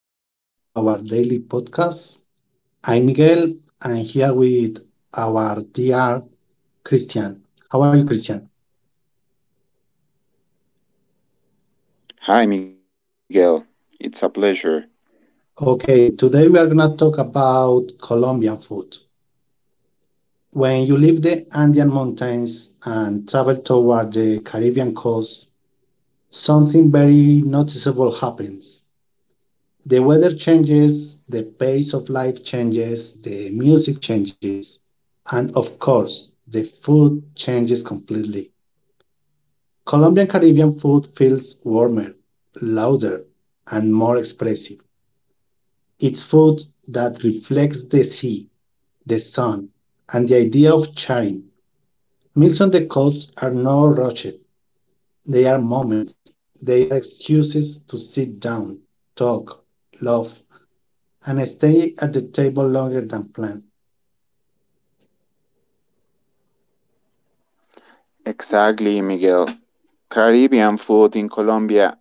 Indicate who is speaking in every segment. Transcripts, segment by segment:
Speaker 1: Welcome back to our daily podcast. I'm Miguel, and here with our dear Christian. How are you, Christian?
Speaker 2: Hi, Miguel. It's a pleasure.
Speaker 1: Okay, today we are going to talk about Colombian food. When you leave the Andean mountains and travel toward the Caribbean coast, something very noticeable happens. The weather changes, the pace of life changes, the music changes, and of course, the food changes completely. Colombian Caribbean food feels warmer, louder, and more expressive. It's food that reflects the sea, the sun, and the idea of sharing. Meals on the coast are not rushed, they are moments, they are excuses to sit down, talk, love, and stay at the table longer than planned.
Speaker 2: Exactly, Miguel. Caribbean food in Colombia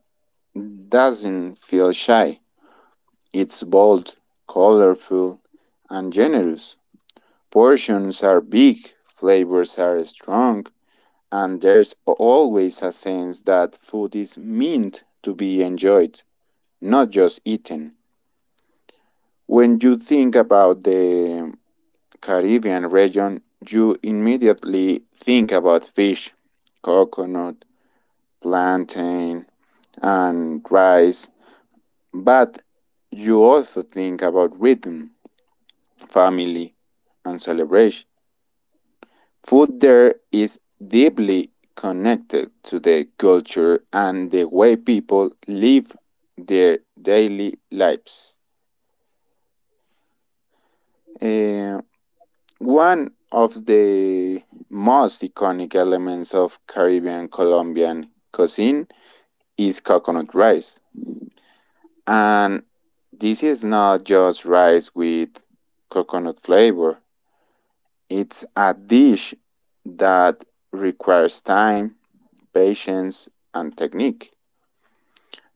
Speaker 2: doesn't feel shy. It's bold, colorful, and generous. Portions are big, flavors are strong, and there's always a sense that food is meant to be enjoyed, not just eaten. When you think about the Caribbean region, you immediately think about fish, coconut, plantain, and rice, but you also think about rhythm, family, and celebration. Food there is deeply connected to the culture and the way people live their daily lives. Eh, One of the most iconic elements of Caribbean Colombian cuisine is coconut rice. And this is not just rice with coconut flavor. It's a dish that requires time, patience, and technique.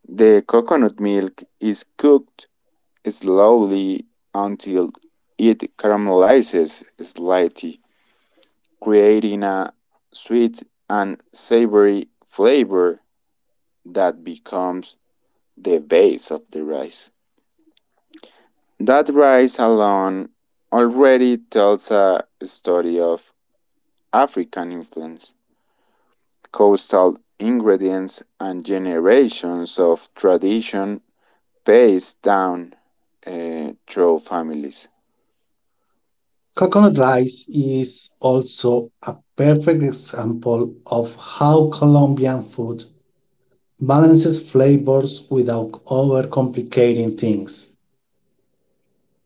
Speaker 2: The coconut milk is cooked slowly until it caramelizes slightly, creating a sweet and savory flavor that becomes the base of the rice. That rice alone already tells a story of African influence, coastal ingredients, and generations of tradition passed down through families.
Speaker 1: Coconut rice is also a perfect example of how Colombian food balances flavors without overcomplicating things.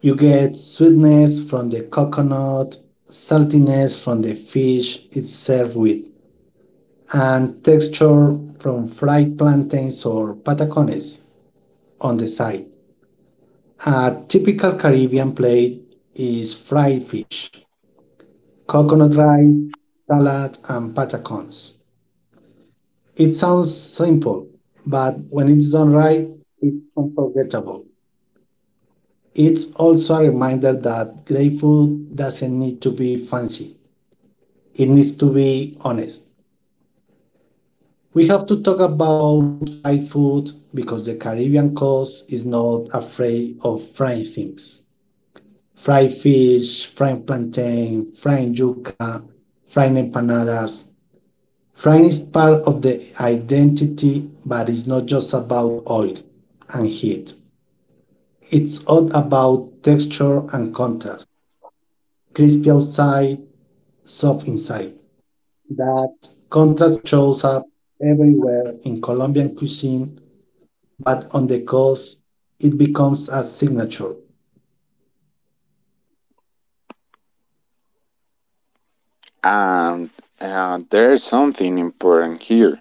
Speaker 1: You get sweetness from the coconut, saltiness from the fish it's served with, and texture from fried plantains or patacones on the side. A typical Caribbean plate is fried fish, coconut rice, salad, and patacones. It sounds simple, but when it's done right, it's unforgettable. It's also a reminder that great food doesn't need to be fancy, it needs to be honest. We have to talk about fried food because the Caribbean coast is not afraid of frying things. Fried fish, fried plantain, fried yuca, fried empanadas. Frying is part of the identity, but it's not just about oil and heat. It's all about texture and contrast. Crispy outside, soft inside. That contrast shows up everywhere in Colombian cuisine, but on the coast, it becomes a signature.
Speaker 2: And there's something important here,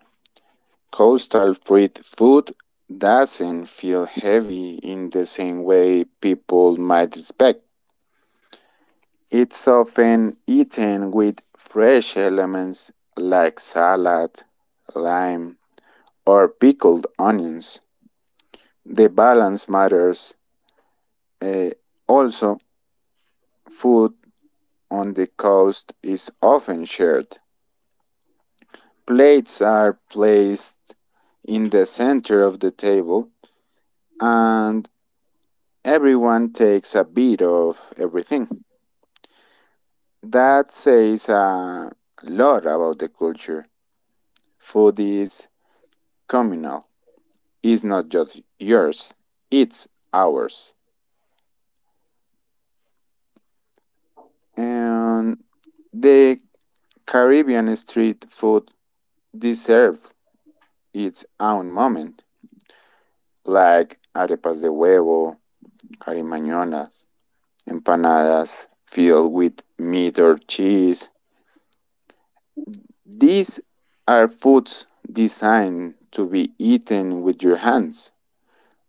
Speaker 2: coastal fruit food doesn't feel heavy in the same way people might expect. It's often eaten with fresh elements like salad, lime, or pickled onions. The balance matters. eh, Also, food on the coast is often shared. Plates are placed in the center of the table and everyone takes a bit of everything. That says a lot about the culture. Food is communal. Is not just yours, it's ours. And the Caribbean street food deserves its own moment, like arepas de huevo, carimañonas, empanadas filled with meat or cheese. These are foods designed to be eaten with your hands,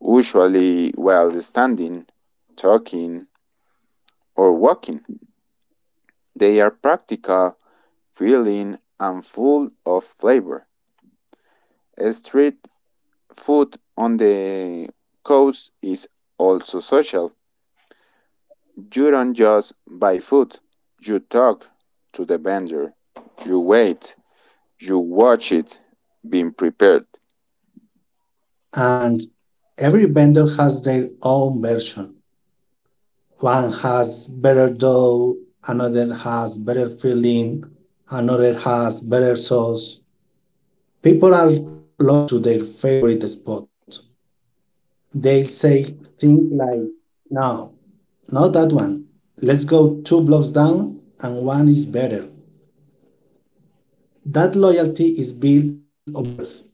Speaker 2: usually while standing, talking, or walking. They are practical, filling, and full of flavor. Street food on the coast is also social. You don't just buy food, you talk to the vendor, you wait, you watch it being prepared.
Speaker 1: And every vendor has their own version. One has better dough, another has better filling, another has better sauce. People are loyal to their favorite spot. They'll say things like, no, not that one. Let's go two blocks down and one is better. That loyalty is built over years.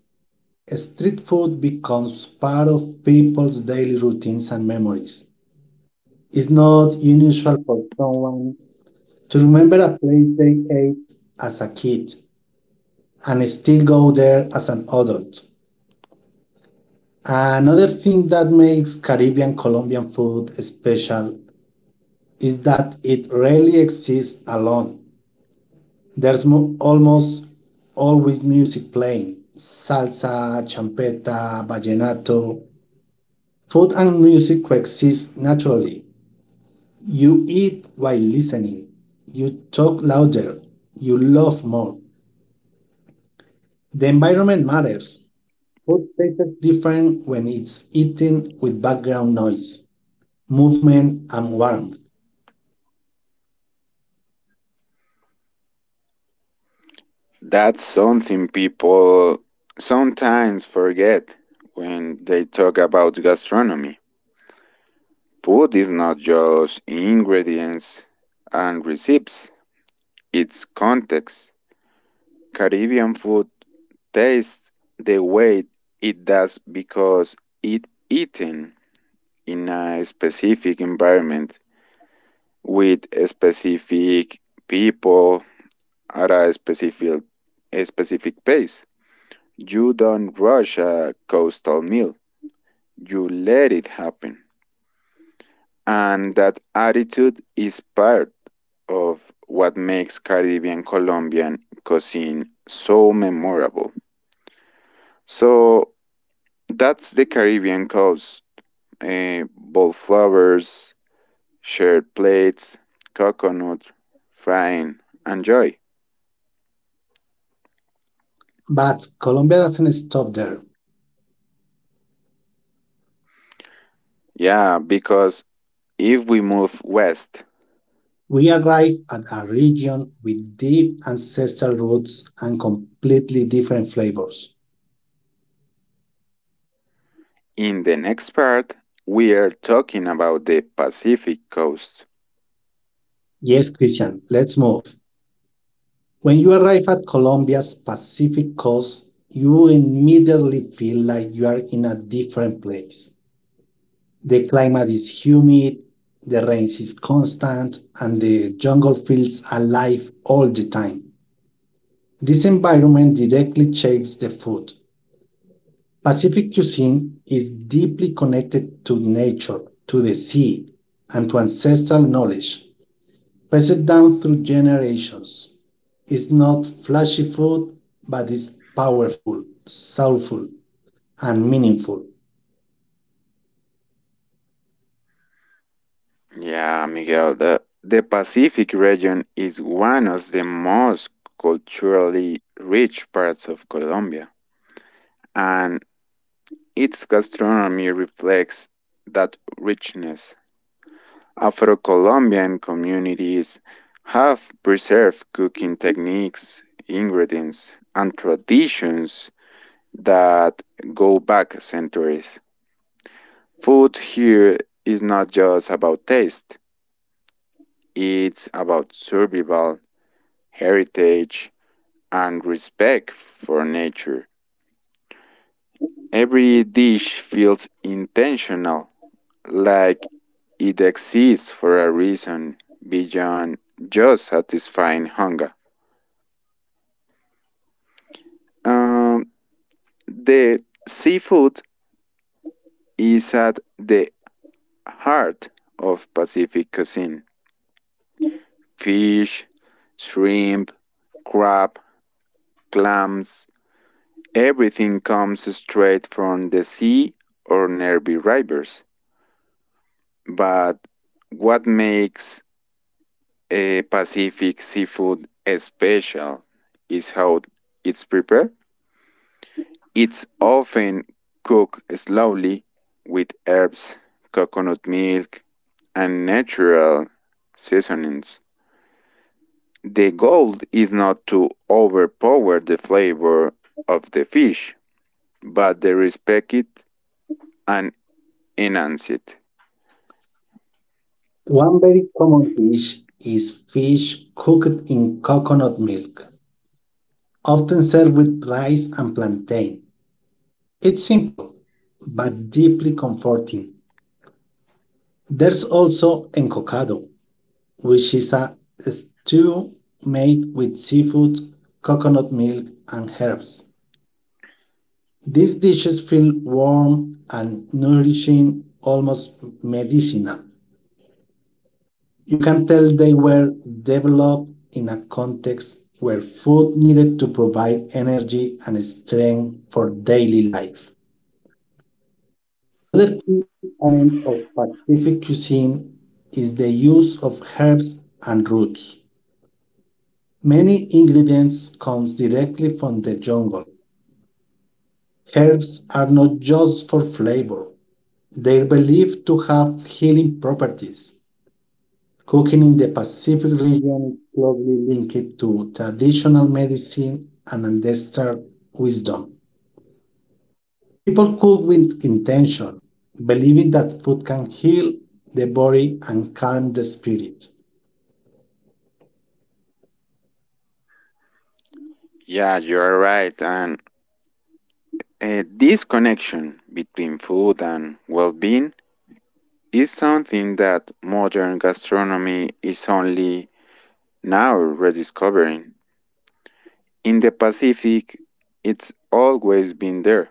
Speaker 1: Street food becomes part of people's daily routines and memories. It's not unusual for someone to remember a place they ate as a kid and still go there as an adult. Another thing that makes Caribbean Colombian food special is that it rarely exists alone. There's almost always music playing salsa, champeta, vallenato. Food and music coexist naturally. You eat while listening, you talk louder, you laugh more. The environment matters. Food tastes different when it's eaten with background noise, movement, and warmth.
Speaker 2: That's something people sometimes forget when they talk about gastronomy. Food is not just ingredients and recipes, it's context. Caribbean food tastes the way it does because it eaten in a specific environment with a specific people at a specific pace. You don't rush a coastal meal. You let it happen. And that attitude is part of what makes Caribbean Colombian cuisine so memorable. So That's the Caribbean coast. Eh, Wallflowers, shared plates, coconut, frying, and joy.
Speaker 1: But Colombia doesn't stop there.
Speaker 2: Yeah, because if we move west
Speaker 1: We arrive at a region with deep ancestral roots and completely different flavors.
Speaker 2: in the next part, we are talking about the Pacific coast.
Speaker 1: Yes, Christian, let's move. When you arrive at Colombia's Pacific coast, you immediately feel like you are in a different place. The climate is humid, the rain is constant, and the jungle feels alive all the time. This environment directly shapes the food. Pacific cuisine is deeply connected to nature, to the sea, and to ancestral knowledge passed down through generations. It's not flashy food, but it's powerful, soulful, and meaningful.
Speaker 2: Yeah, Miguel, the Pacific region is one of the most culturally rich parts of Colombia, and its gastronomy reflects that richness. Afro-Colombian communities have preserved cooking techniques, ingredients, and traditions that go back centuries. Food here is not just about taste, it's about survival, heritage, and respect for nature. Every dish feels intentional, like it exists for a reason beyond just satisfying hunger. Um, the seafood is at the heart of Pacific cuisine. Fish, shrimp, crab, clams, everything comes straight from the sea or nearby rivers. But what makes a Pacific seafood special is how it's prepared. It's often cooked slowly with herbs, coconut milk, and natural seasonings. The goal is not to overpower the flavor of the fish, but to respect it and enhance it.
Speaker 1: One very common dish is fish cooked in coconut milk, often served with rice and plantain. It's simple, but deeply comforting. There's also encocado, which is a stew made with seafood, coconut milk, and herbs. These dishes feel warm and nourishing, almost medicinal. You can tell they were developed in a context where food needed to provide energy and strength for daily life. Another key element of Pacific cuisine is the use of herbs and roots. Many ingredients comes directly from the jungle. Herbs are not just for flavor. They're believed to have healing properties. Cooking in the Pacific region is closely linked to traditional medicine and ancestral wisdom. People cook with intention, believing that food can heal the body and calm the spirit.
Speaker 2: Yeah, you're right. And this connection between food and well being is something that modern gastronomy is only now rediscovering. In the Pacific, it's always been there.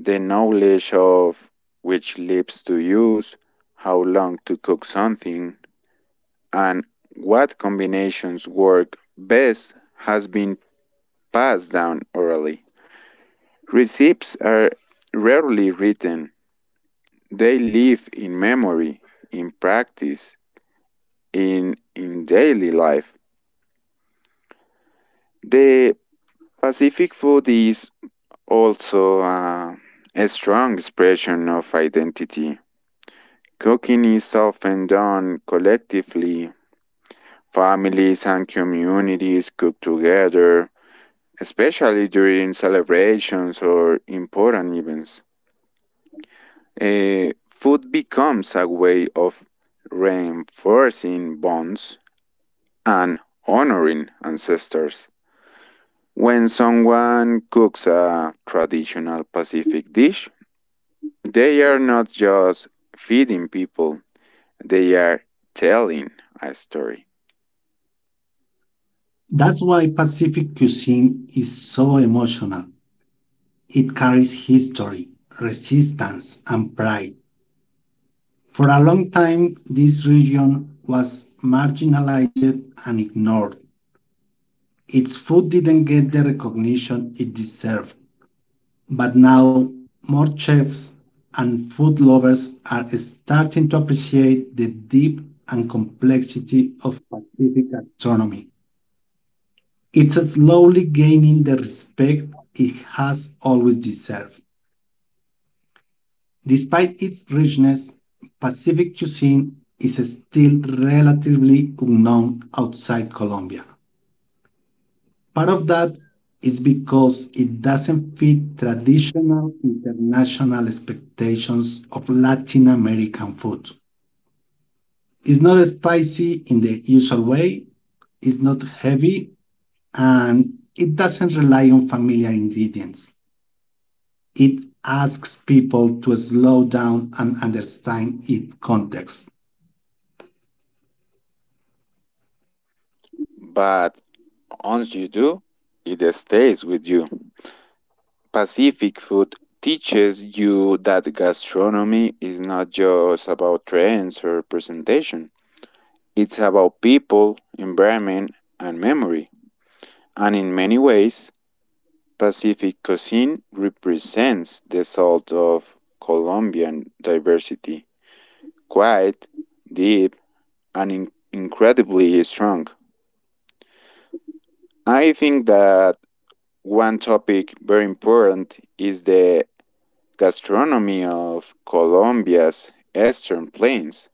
Speaker 2: The knowledge of which leaves to use, how long to cook something, and what combinations work best has been passed down orally. Recipes are rarely written, they live in memory, in practice, in daily life. The Pacific food is also a strong expression of identity. Cooking is often done collectively. Families and communities cook together, especially during celebrations or important events. Food becomes a way of reinforcing bonds and honoring ancestors. When someone cooks a traditional Pacific dish, they are not just feeding people, they are telling a story.
Speaker 1: That's why Pacific cuisine is so emotional. It carries history, resistance, and pride. For a long time, this region was marginalized and ignored. Its food didn't get the recognition it deserved, but now more chefs and food lovers are starting to appreciate the depth and complexity of Pacific gastronomy. It's slowly gaining the respect it has always deserved. Despite its richness, Pacific cuisine is still relatively unknown outside Colombia. Part of that is because it doesn't fit traditional international expectations of Latin American food. It's not spicy in the usual way, it's not heavy, and it doesn't rely on familiar ingredients. It asks people to slow down and understand its context.
Speaker 2: But once you do, it stays with you. Pacific food teaches you that gastronomy is not just about trends or presentation. It's about people, environment, and memory. And in many ways, Pacific cuisine represents the salt of Colombian diversity, quite deep, and incredibly strong. I think that one topic very important is the gastronomy of Colombia's eastern plains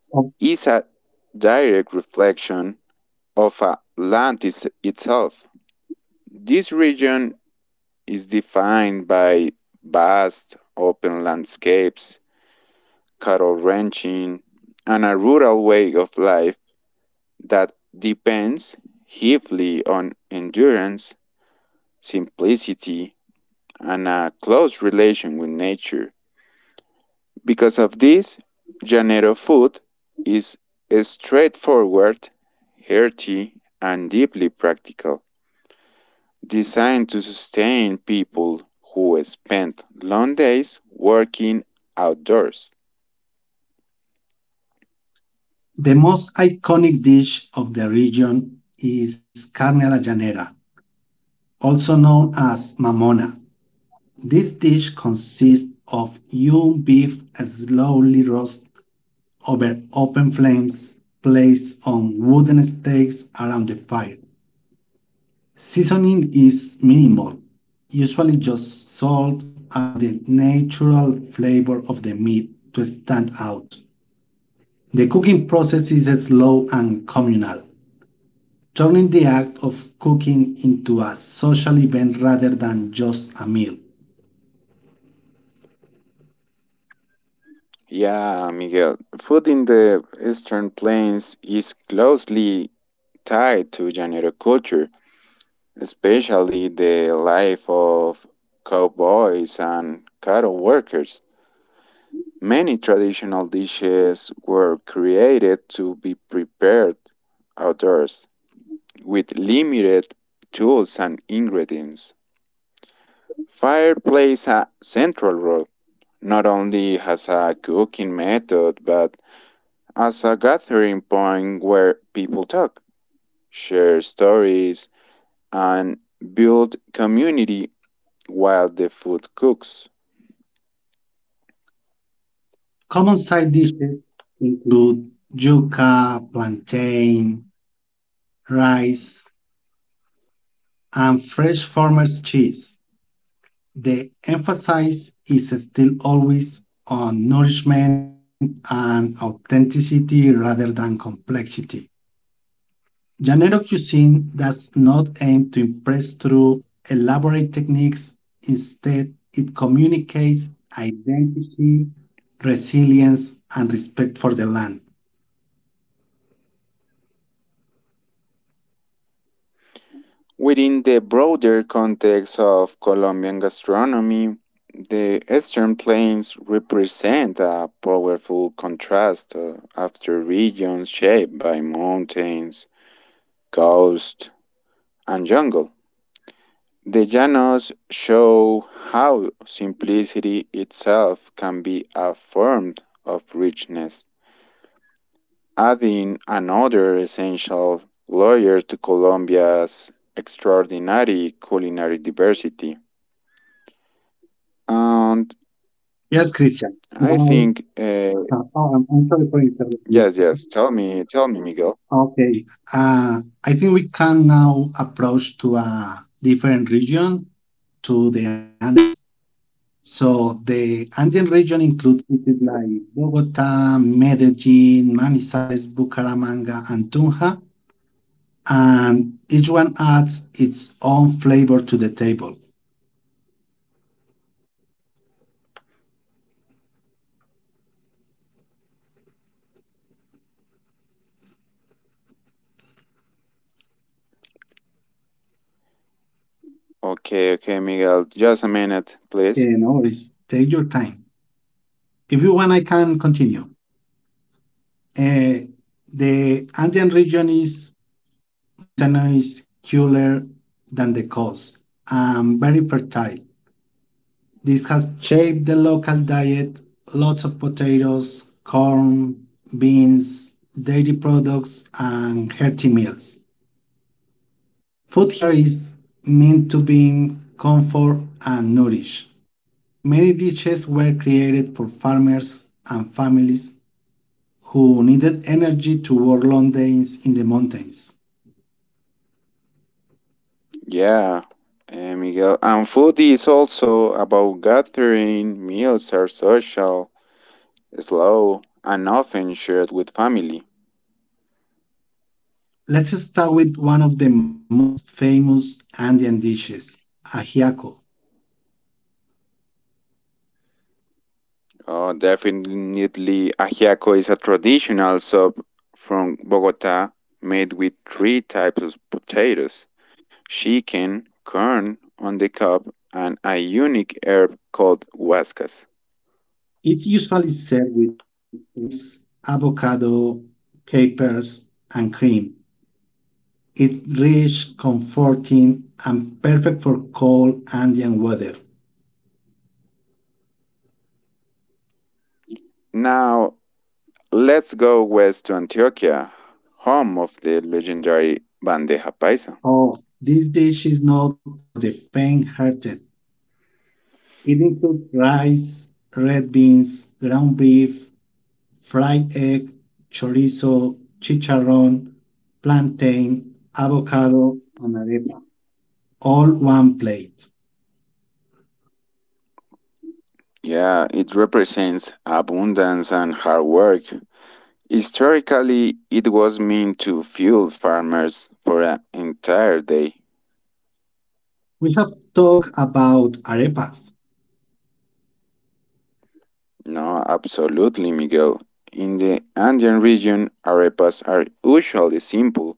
Speaker 1: Of
Speaker 2: is a direct reflection of Atlantis itself. This region is defined by vast open landscapes, cattle ranching, and a rural way of life that depends heavily on endurance, simplicity, and a close relation with nature. Because of this, Janeiro food is straightforward, hearty, and deeply practical, designed to sustain people who spend long days working outdoors.
Speaker 1: the most iconic dish of the region is carne a la llanera, also known as mamona. This dish consists of young beef slowly roasted over open flames, placed on wooden stakes around the fire. Seasoning is minimal, usually just salt, allowing the natural flavor of the meat to stand out. The cooking process is slow and communal, turning the act of cooking into a social event rather than just a meal.
Speaker 2: Yeah, Miguel, food in the Eastern Plains is closely tied to Janeiro culture, especially the life of cowboys and cattle workers. Many traditional dishes were created to be prepared outdoors with limited tools and ingredients. Fire plays a central role, not only as a cooking method, but as a gathering point where people talk, share stories, and build community while the food cooks.
Speaker 1: Common side dishes include yuca, plantain, rice, and fresh farmer's cheese. The emphasis is still always on nourishment and authenticity rather than complexity. Llanero cuisine does not aim to impress through elaborate techniques. Instead, it communicates identity, resilience, and respect for the land.
Speaker 2: Within the broader context of Colombian gastronomy, the Eastern Plains represent a powerful contrast after regions shaped by mountains, coast, and jungle. The Llanos show how simplicity itself can be a form of richness, adding another essential layer to Colombia's extraordinary culinary diversity. And
Speaker 1: Yes, Christian.
Speaker 2: I
Speaker 1: Now,
Speaker 2: think,
Speaker 1: oh, I'm sorry for interrupting.
Speaker 2: yes, yes. Tell me, Miguel.
Speaker 1: Okay. I think we can now approach to a different region, to the Andes. So the Andean region includes cities like Bogota, Medellin, Manizales, Bucaramanga, and Tunja, and each one adds its own flavor to the table.
Speaker 2: Okay, okay, Miguel. Just a minute,
Speaker 1: You
Speaker 2: please.
Speaker 1: know, it's, take your time. If you want, I can continue. Uh, the Andean region is mountainous, cooler than the coast, and very fertile. This has shaped the local diet. Lots of potatoes, corn, beans, dairy products, and hearty meals. Food here is meant to bring comfort and nourish. Many dishes were created for farmers and families who needed energy to work long days in the mountains.
Speaker 2: Yeah, Miguel. And food is also about gathering. Meals are social, slow, and often shared with family.
Speaker 1: Let's start with one of the most famous Andean dishes, ajiaco.
Speaker 2: Oh, definitely, ajiaco is a traditional soup from Bogota made with three types of potatoes. She can corn on the cob and a unique herb called huascas.
Speaker 1: It's usually served with rice, avocado, capers, and cream. It's rich, comforting, and perfect for cold Andean weather.
Speaker 2: Now let's go west to Antioquia, home of the legendary bandeja paisa.
Speaker 1: Oh, this dish is not for the faint-hearted. It includes rice, red beans, ground beef, fried egg, chorizo, chicharrón, plantain, avocado, and arepa, all one plate.
Speaker 2: Yeah, it represents abundance and hard work. Historically, it was meant to fuel farmers for an entire day.
Speaker 1: We have talked about arepas.
Speaker 2: No, absolutely, Miguel. In the Andean region, arepas are usually simple,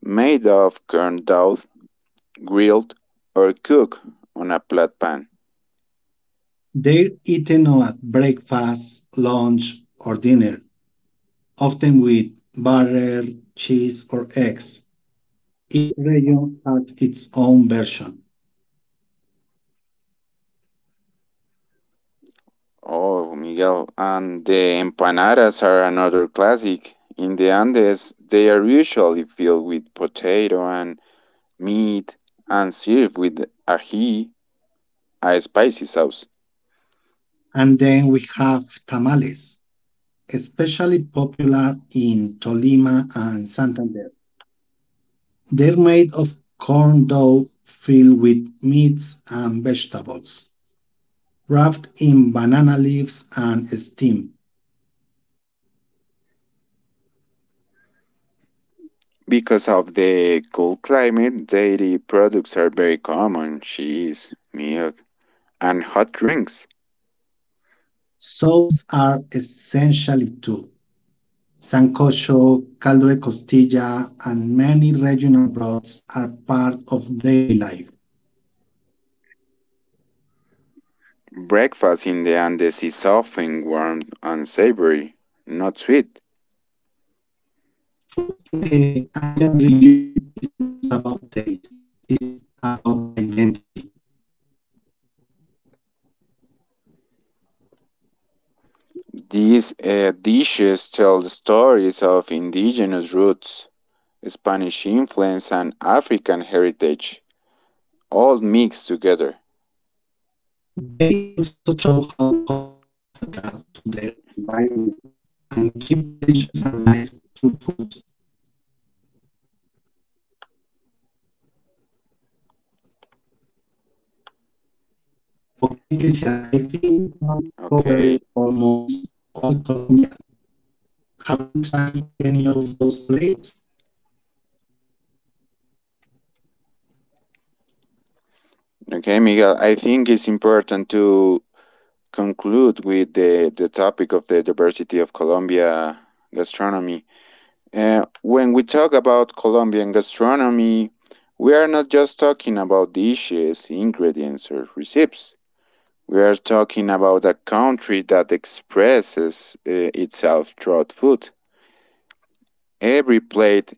Speaker 2: made of corn dough, grilled, or cooked on a flat pan.
Speaker 1: They're eaten at breakfast, lunch, or dinner, often with butter, cheese, or eggs. Each region has its own version.
Speaker 2: Oh, Miguel, and the empanadas are another classic. In the Andes, they are usually filled with potato and meat and served with ají, a spicy sauce.
Speaker 1: And then we have tamales, especially popular in Tolima and Santander. They're made of corn dough filled with meats and vegetables, wrapped in banana leaves and steamed.
Speaker 2: Because of the cold climate, dairy products are very common: cheese, milk, and hot drinks.
Speaker 1: Soups are essentially too. Sancocho, caldo de costilla, and many regional broths are part of daily life.
Speaker 2: Breakfast in the Andes is often warm and savory, not sweet.
Speaker 1: Food in the Andean region isn't just about taste, it's about identity.
Speaker 2: These dishes tell stories of indigenous roots, Spanish influence, and African heritage, all mixed together.
Speaker 1: They also show how Colombians adapt to their environment and keep traditions alive through food. Okay, Christian, I think we have covered
Speaker 2: Okay,
Speaker 1: almost all Colombia. Have you tried any of those plates?
Speaker 2: okay, Miguel. I think it's important to conclude with the topic of the diversity of Colombia gastronomy. When we talk about Colombian gastronomy, we are not just talking about dishes, ingredients, or recipes. We are talking about a country that expresses itself throughout food. Every plate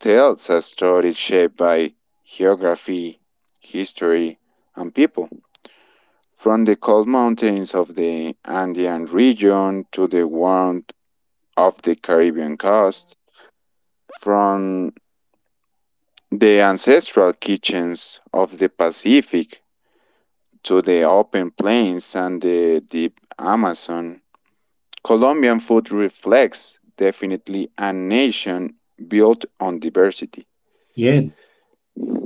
Speaker 2: tells a story shaped by geography, history, and people. From the cold mountains of the Andean region to the warmth of the Caribbean coast, from the ancestral kitchens of the Pacific to the open plains and the deep Amazon, Colombian food reflects definitely a nation built on diversity.
Speaker 1: Yeah, that's right, Christian.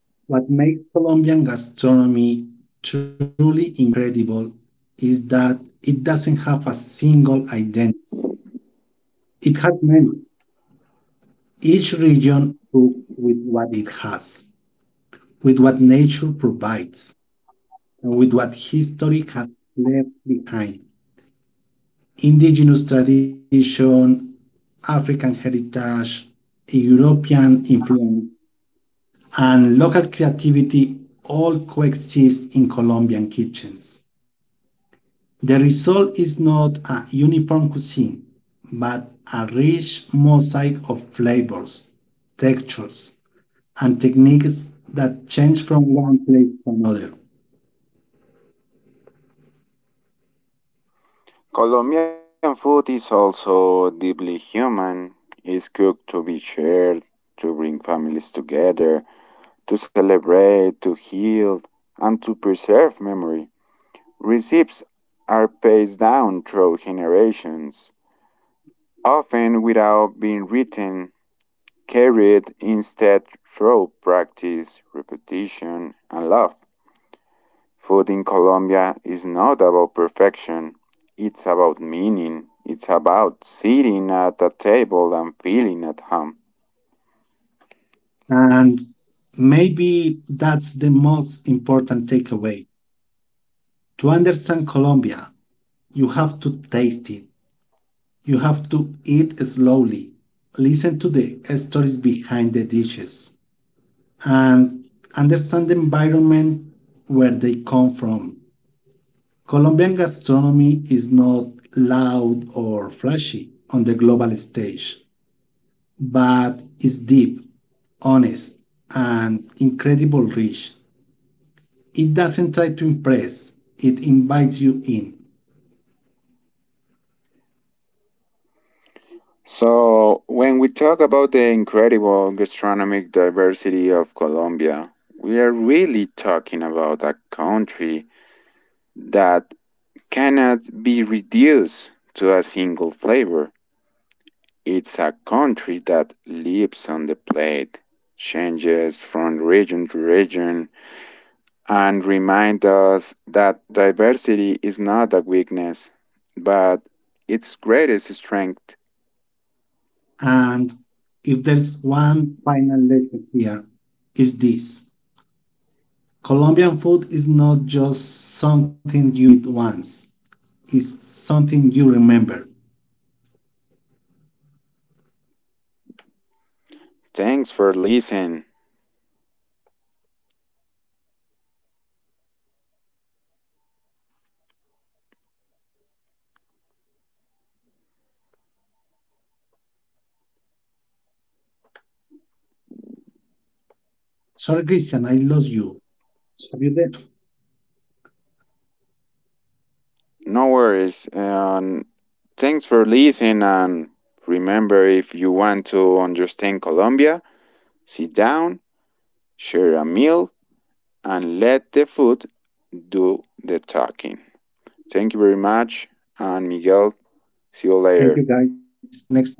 Speaker 1: What makes Colombian gastronomy truly incredible is that it doesn't have a single identity. It has many. Each region cooks with what it has, with what nature provides, and with what history has left behind. Indigenous tradition, African heritage, European influence, and local creativity all coexist in Colombian kitchens. The result is not a uniform cuisine, but a rich mosaic of flavors, textures, and techniques that change from one place to another.
Speaker 2: Colombian food is also deeply human. It's cooked to be shared, to bring families together, to celebrate, to heal, and to preserve memory. Recipes are passed down through generations often without being written, carried instead through practice, repetition, and love. Food in Colombia is not about perfection, it's about meaning. It's about sitting at a table and feeling at home.
Speaker 1: And maybe that's the most important takeaway. To understand Colombia, you have to taste it. You have to eat slowly, listen to the stories behind the dishes, and understand the environment where they come from. Colombian gastronomy is not loud or flashy on the global stage, but it's deep, honest, and incredible rich. It doesn't try to impress, it invites you in.
Speaker 2: So, when we talk about the incredible gastronomic diversity of Colombia, we are really talking about a country that cannot be reduced to a single flavor. It's a country that lives on the plate, changes from region to region, and reminds us that diversity is not a weakness, but its greatest strength.
Speaker 1: And if there's one final lesson here, is this. Colombian food is not just something you eat once, it's something you remember.
Speaker 2: Thanks for listening.
Speaker 1: Sorry, Christian, I lost you. Have you there?
Speaker 2: No worries. And thanks for listening. And remember, if you want to understand Colombia, sit down, share a meal, and let the food do the talking. Thank you very much, and Miguel, see you
Speaker 1: Thank you,
Speaker 2: later.
Speaker 1: guys. See you next time.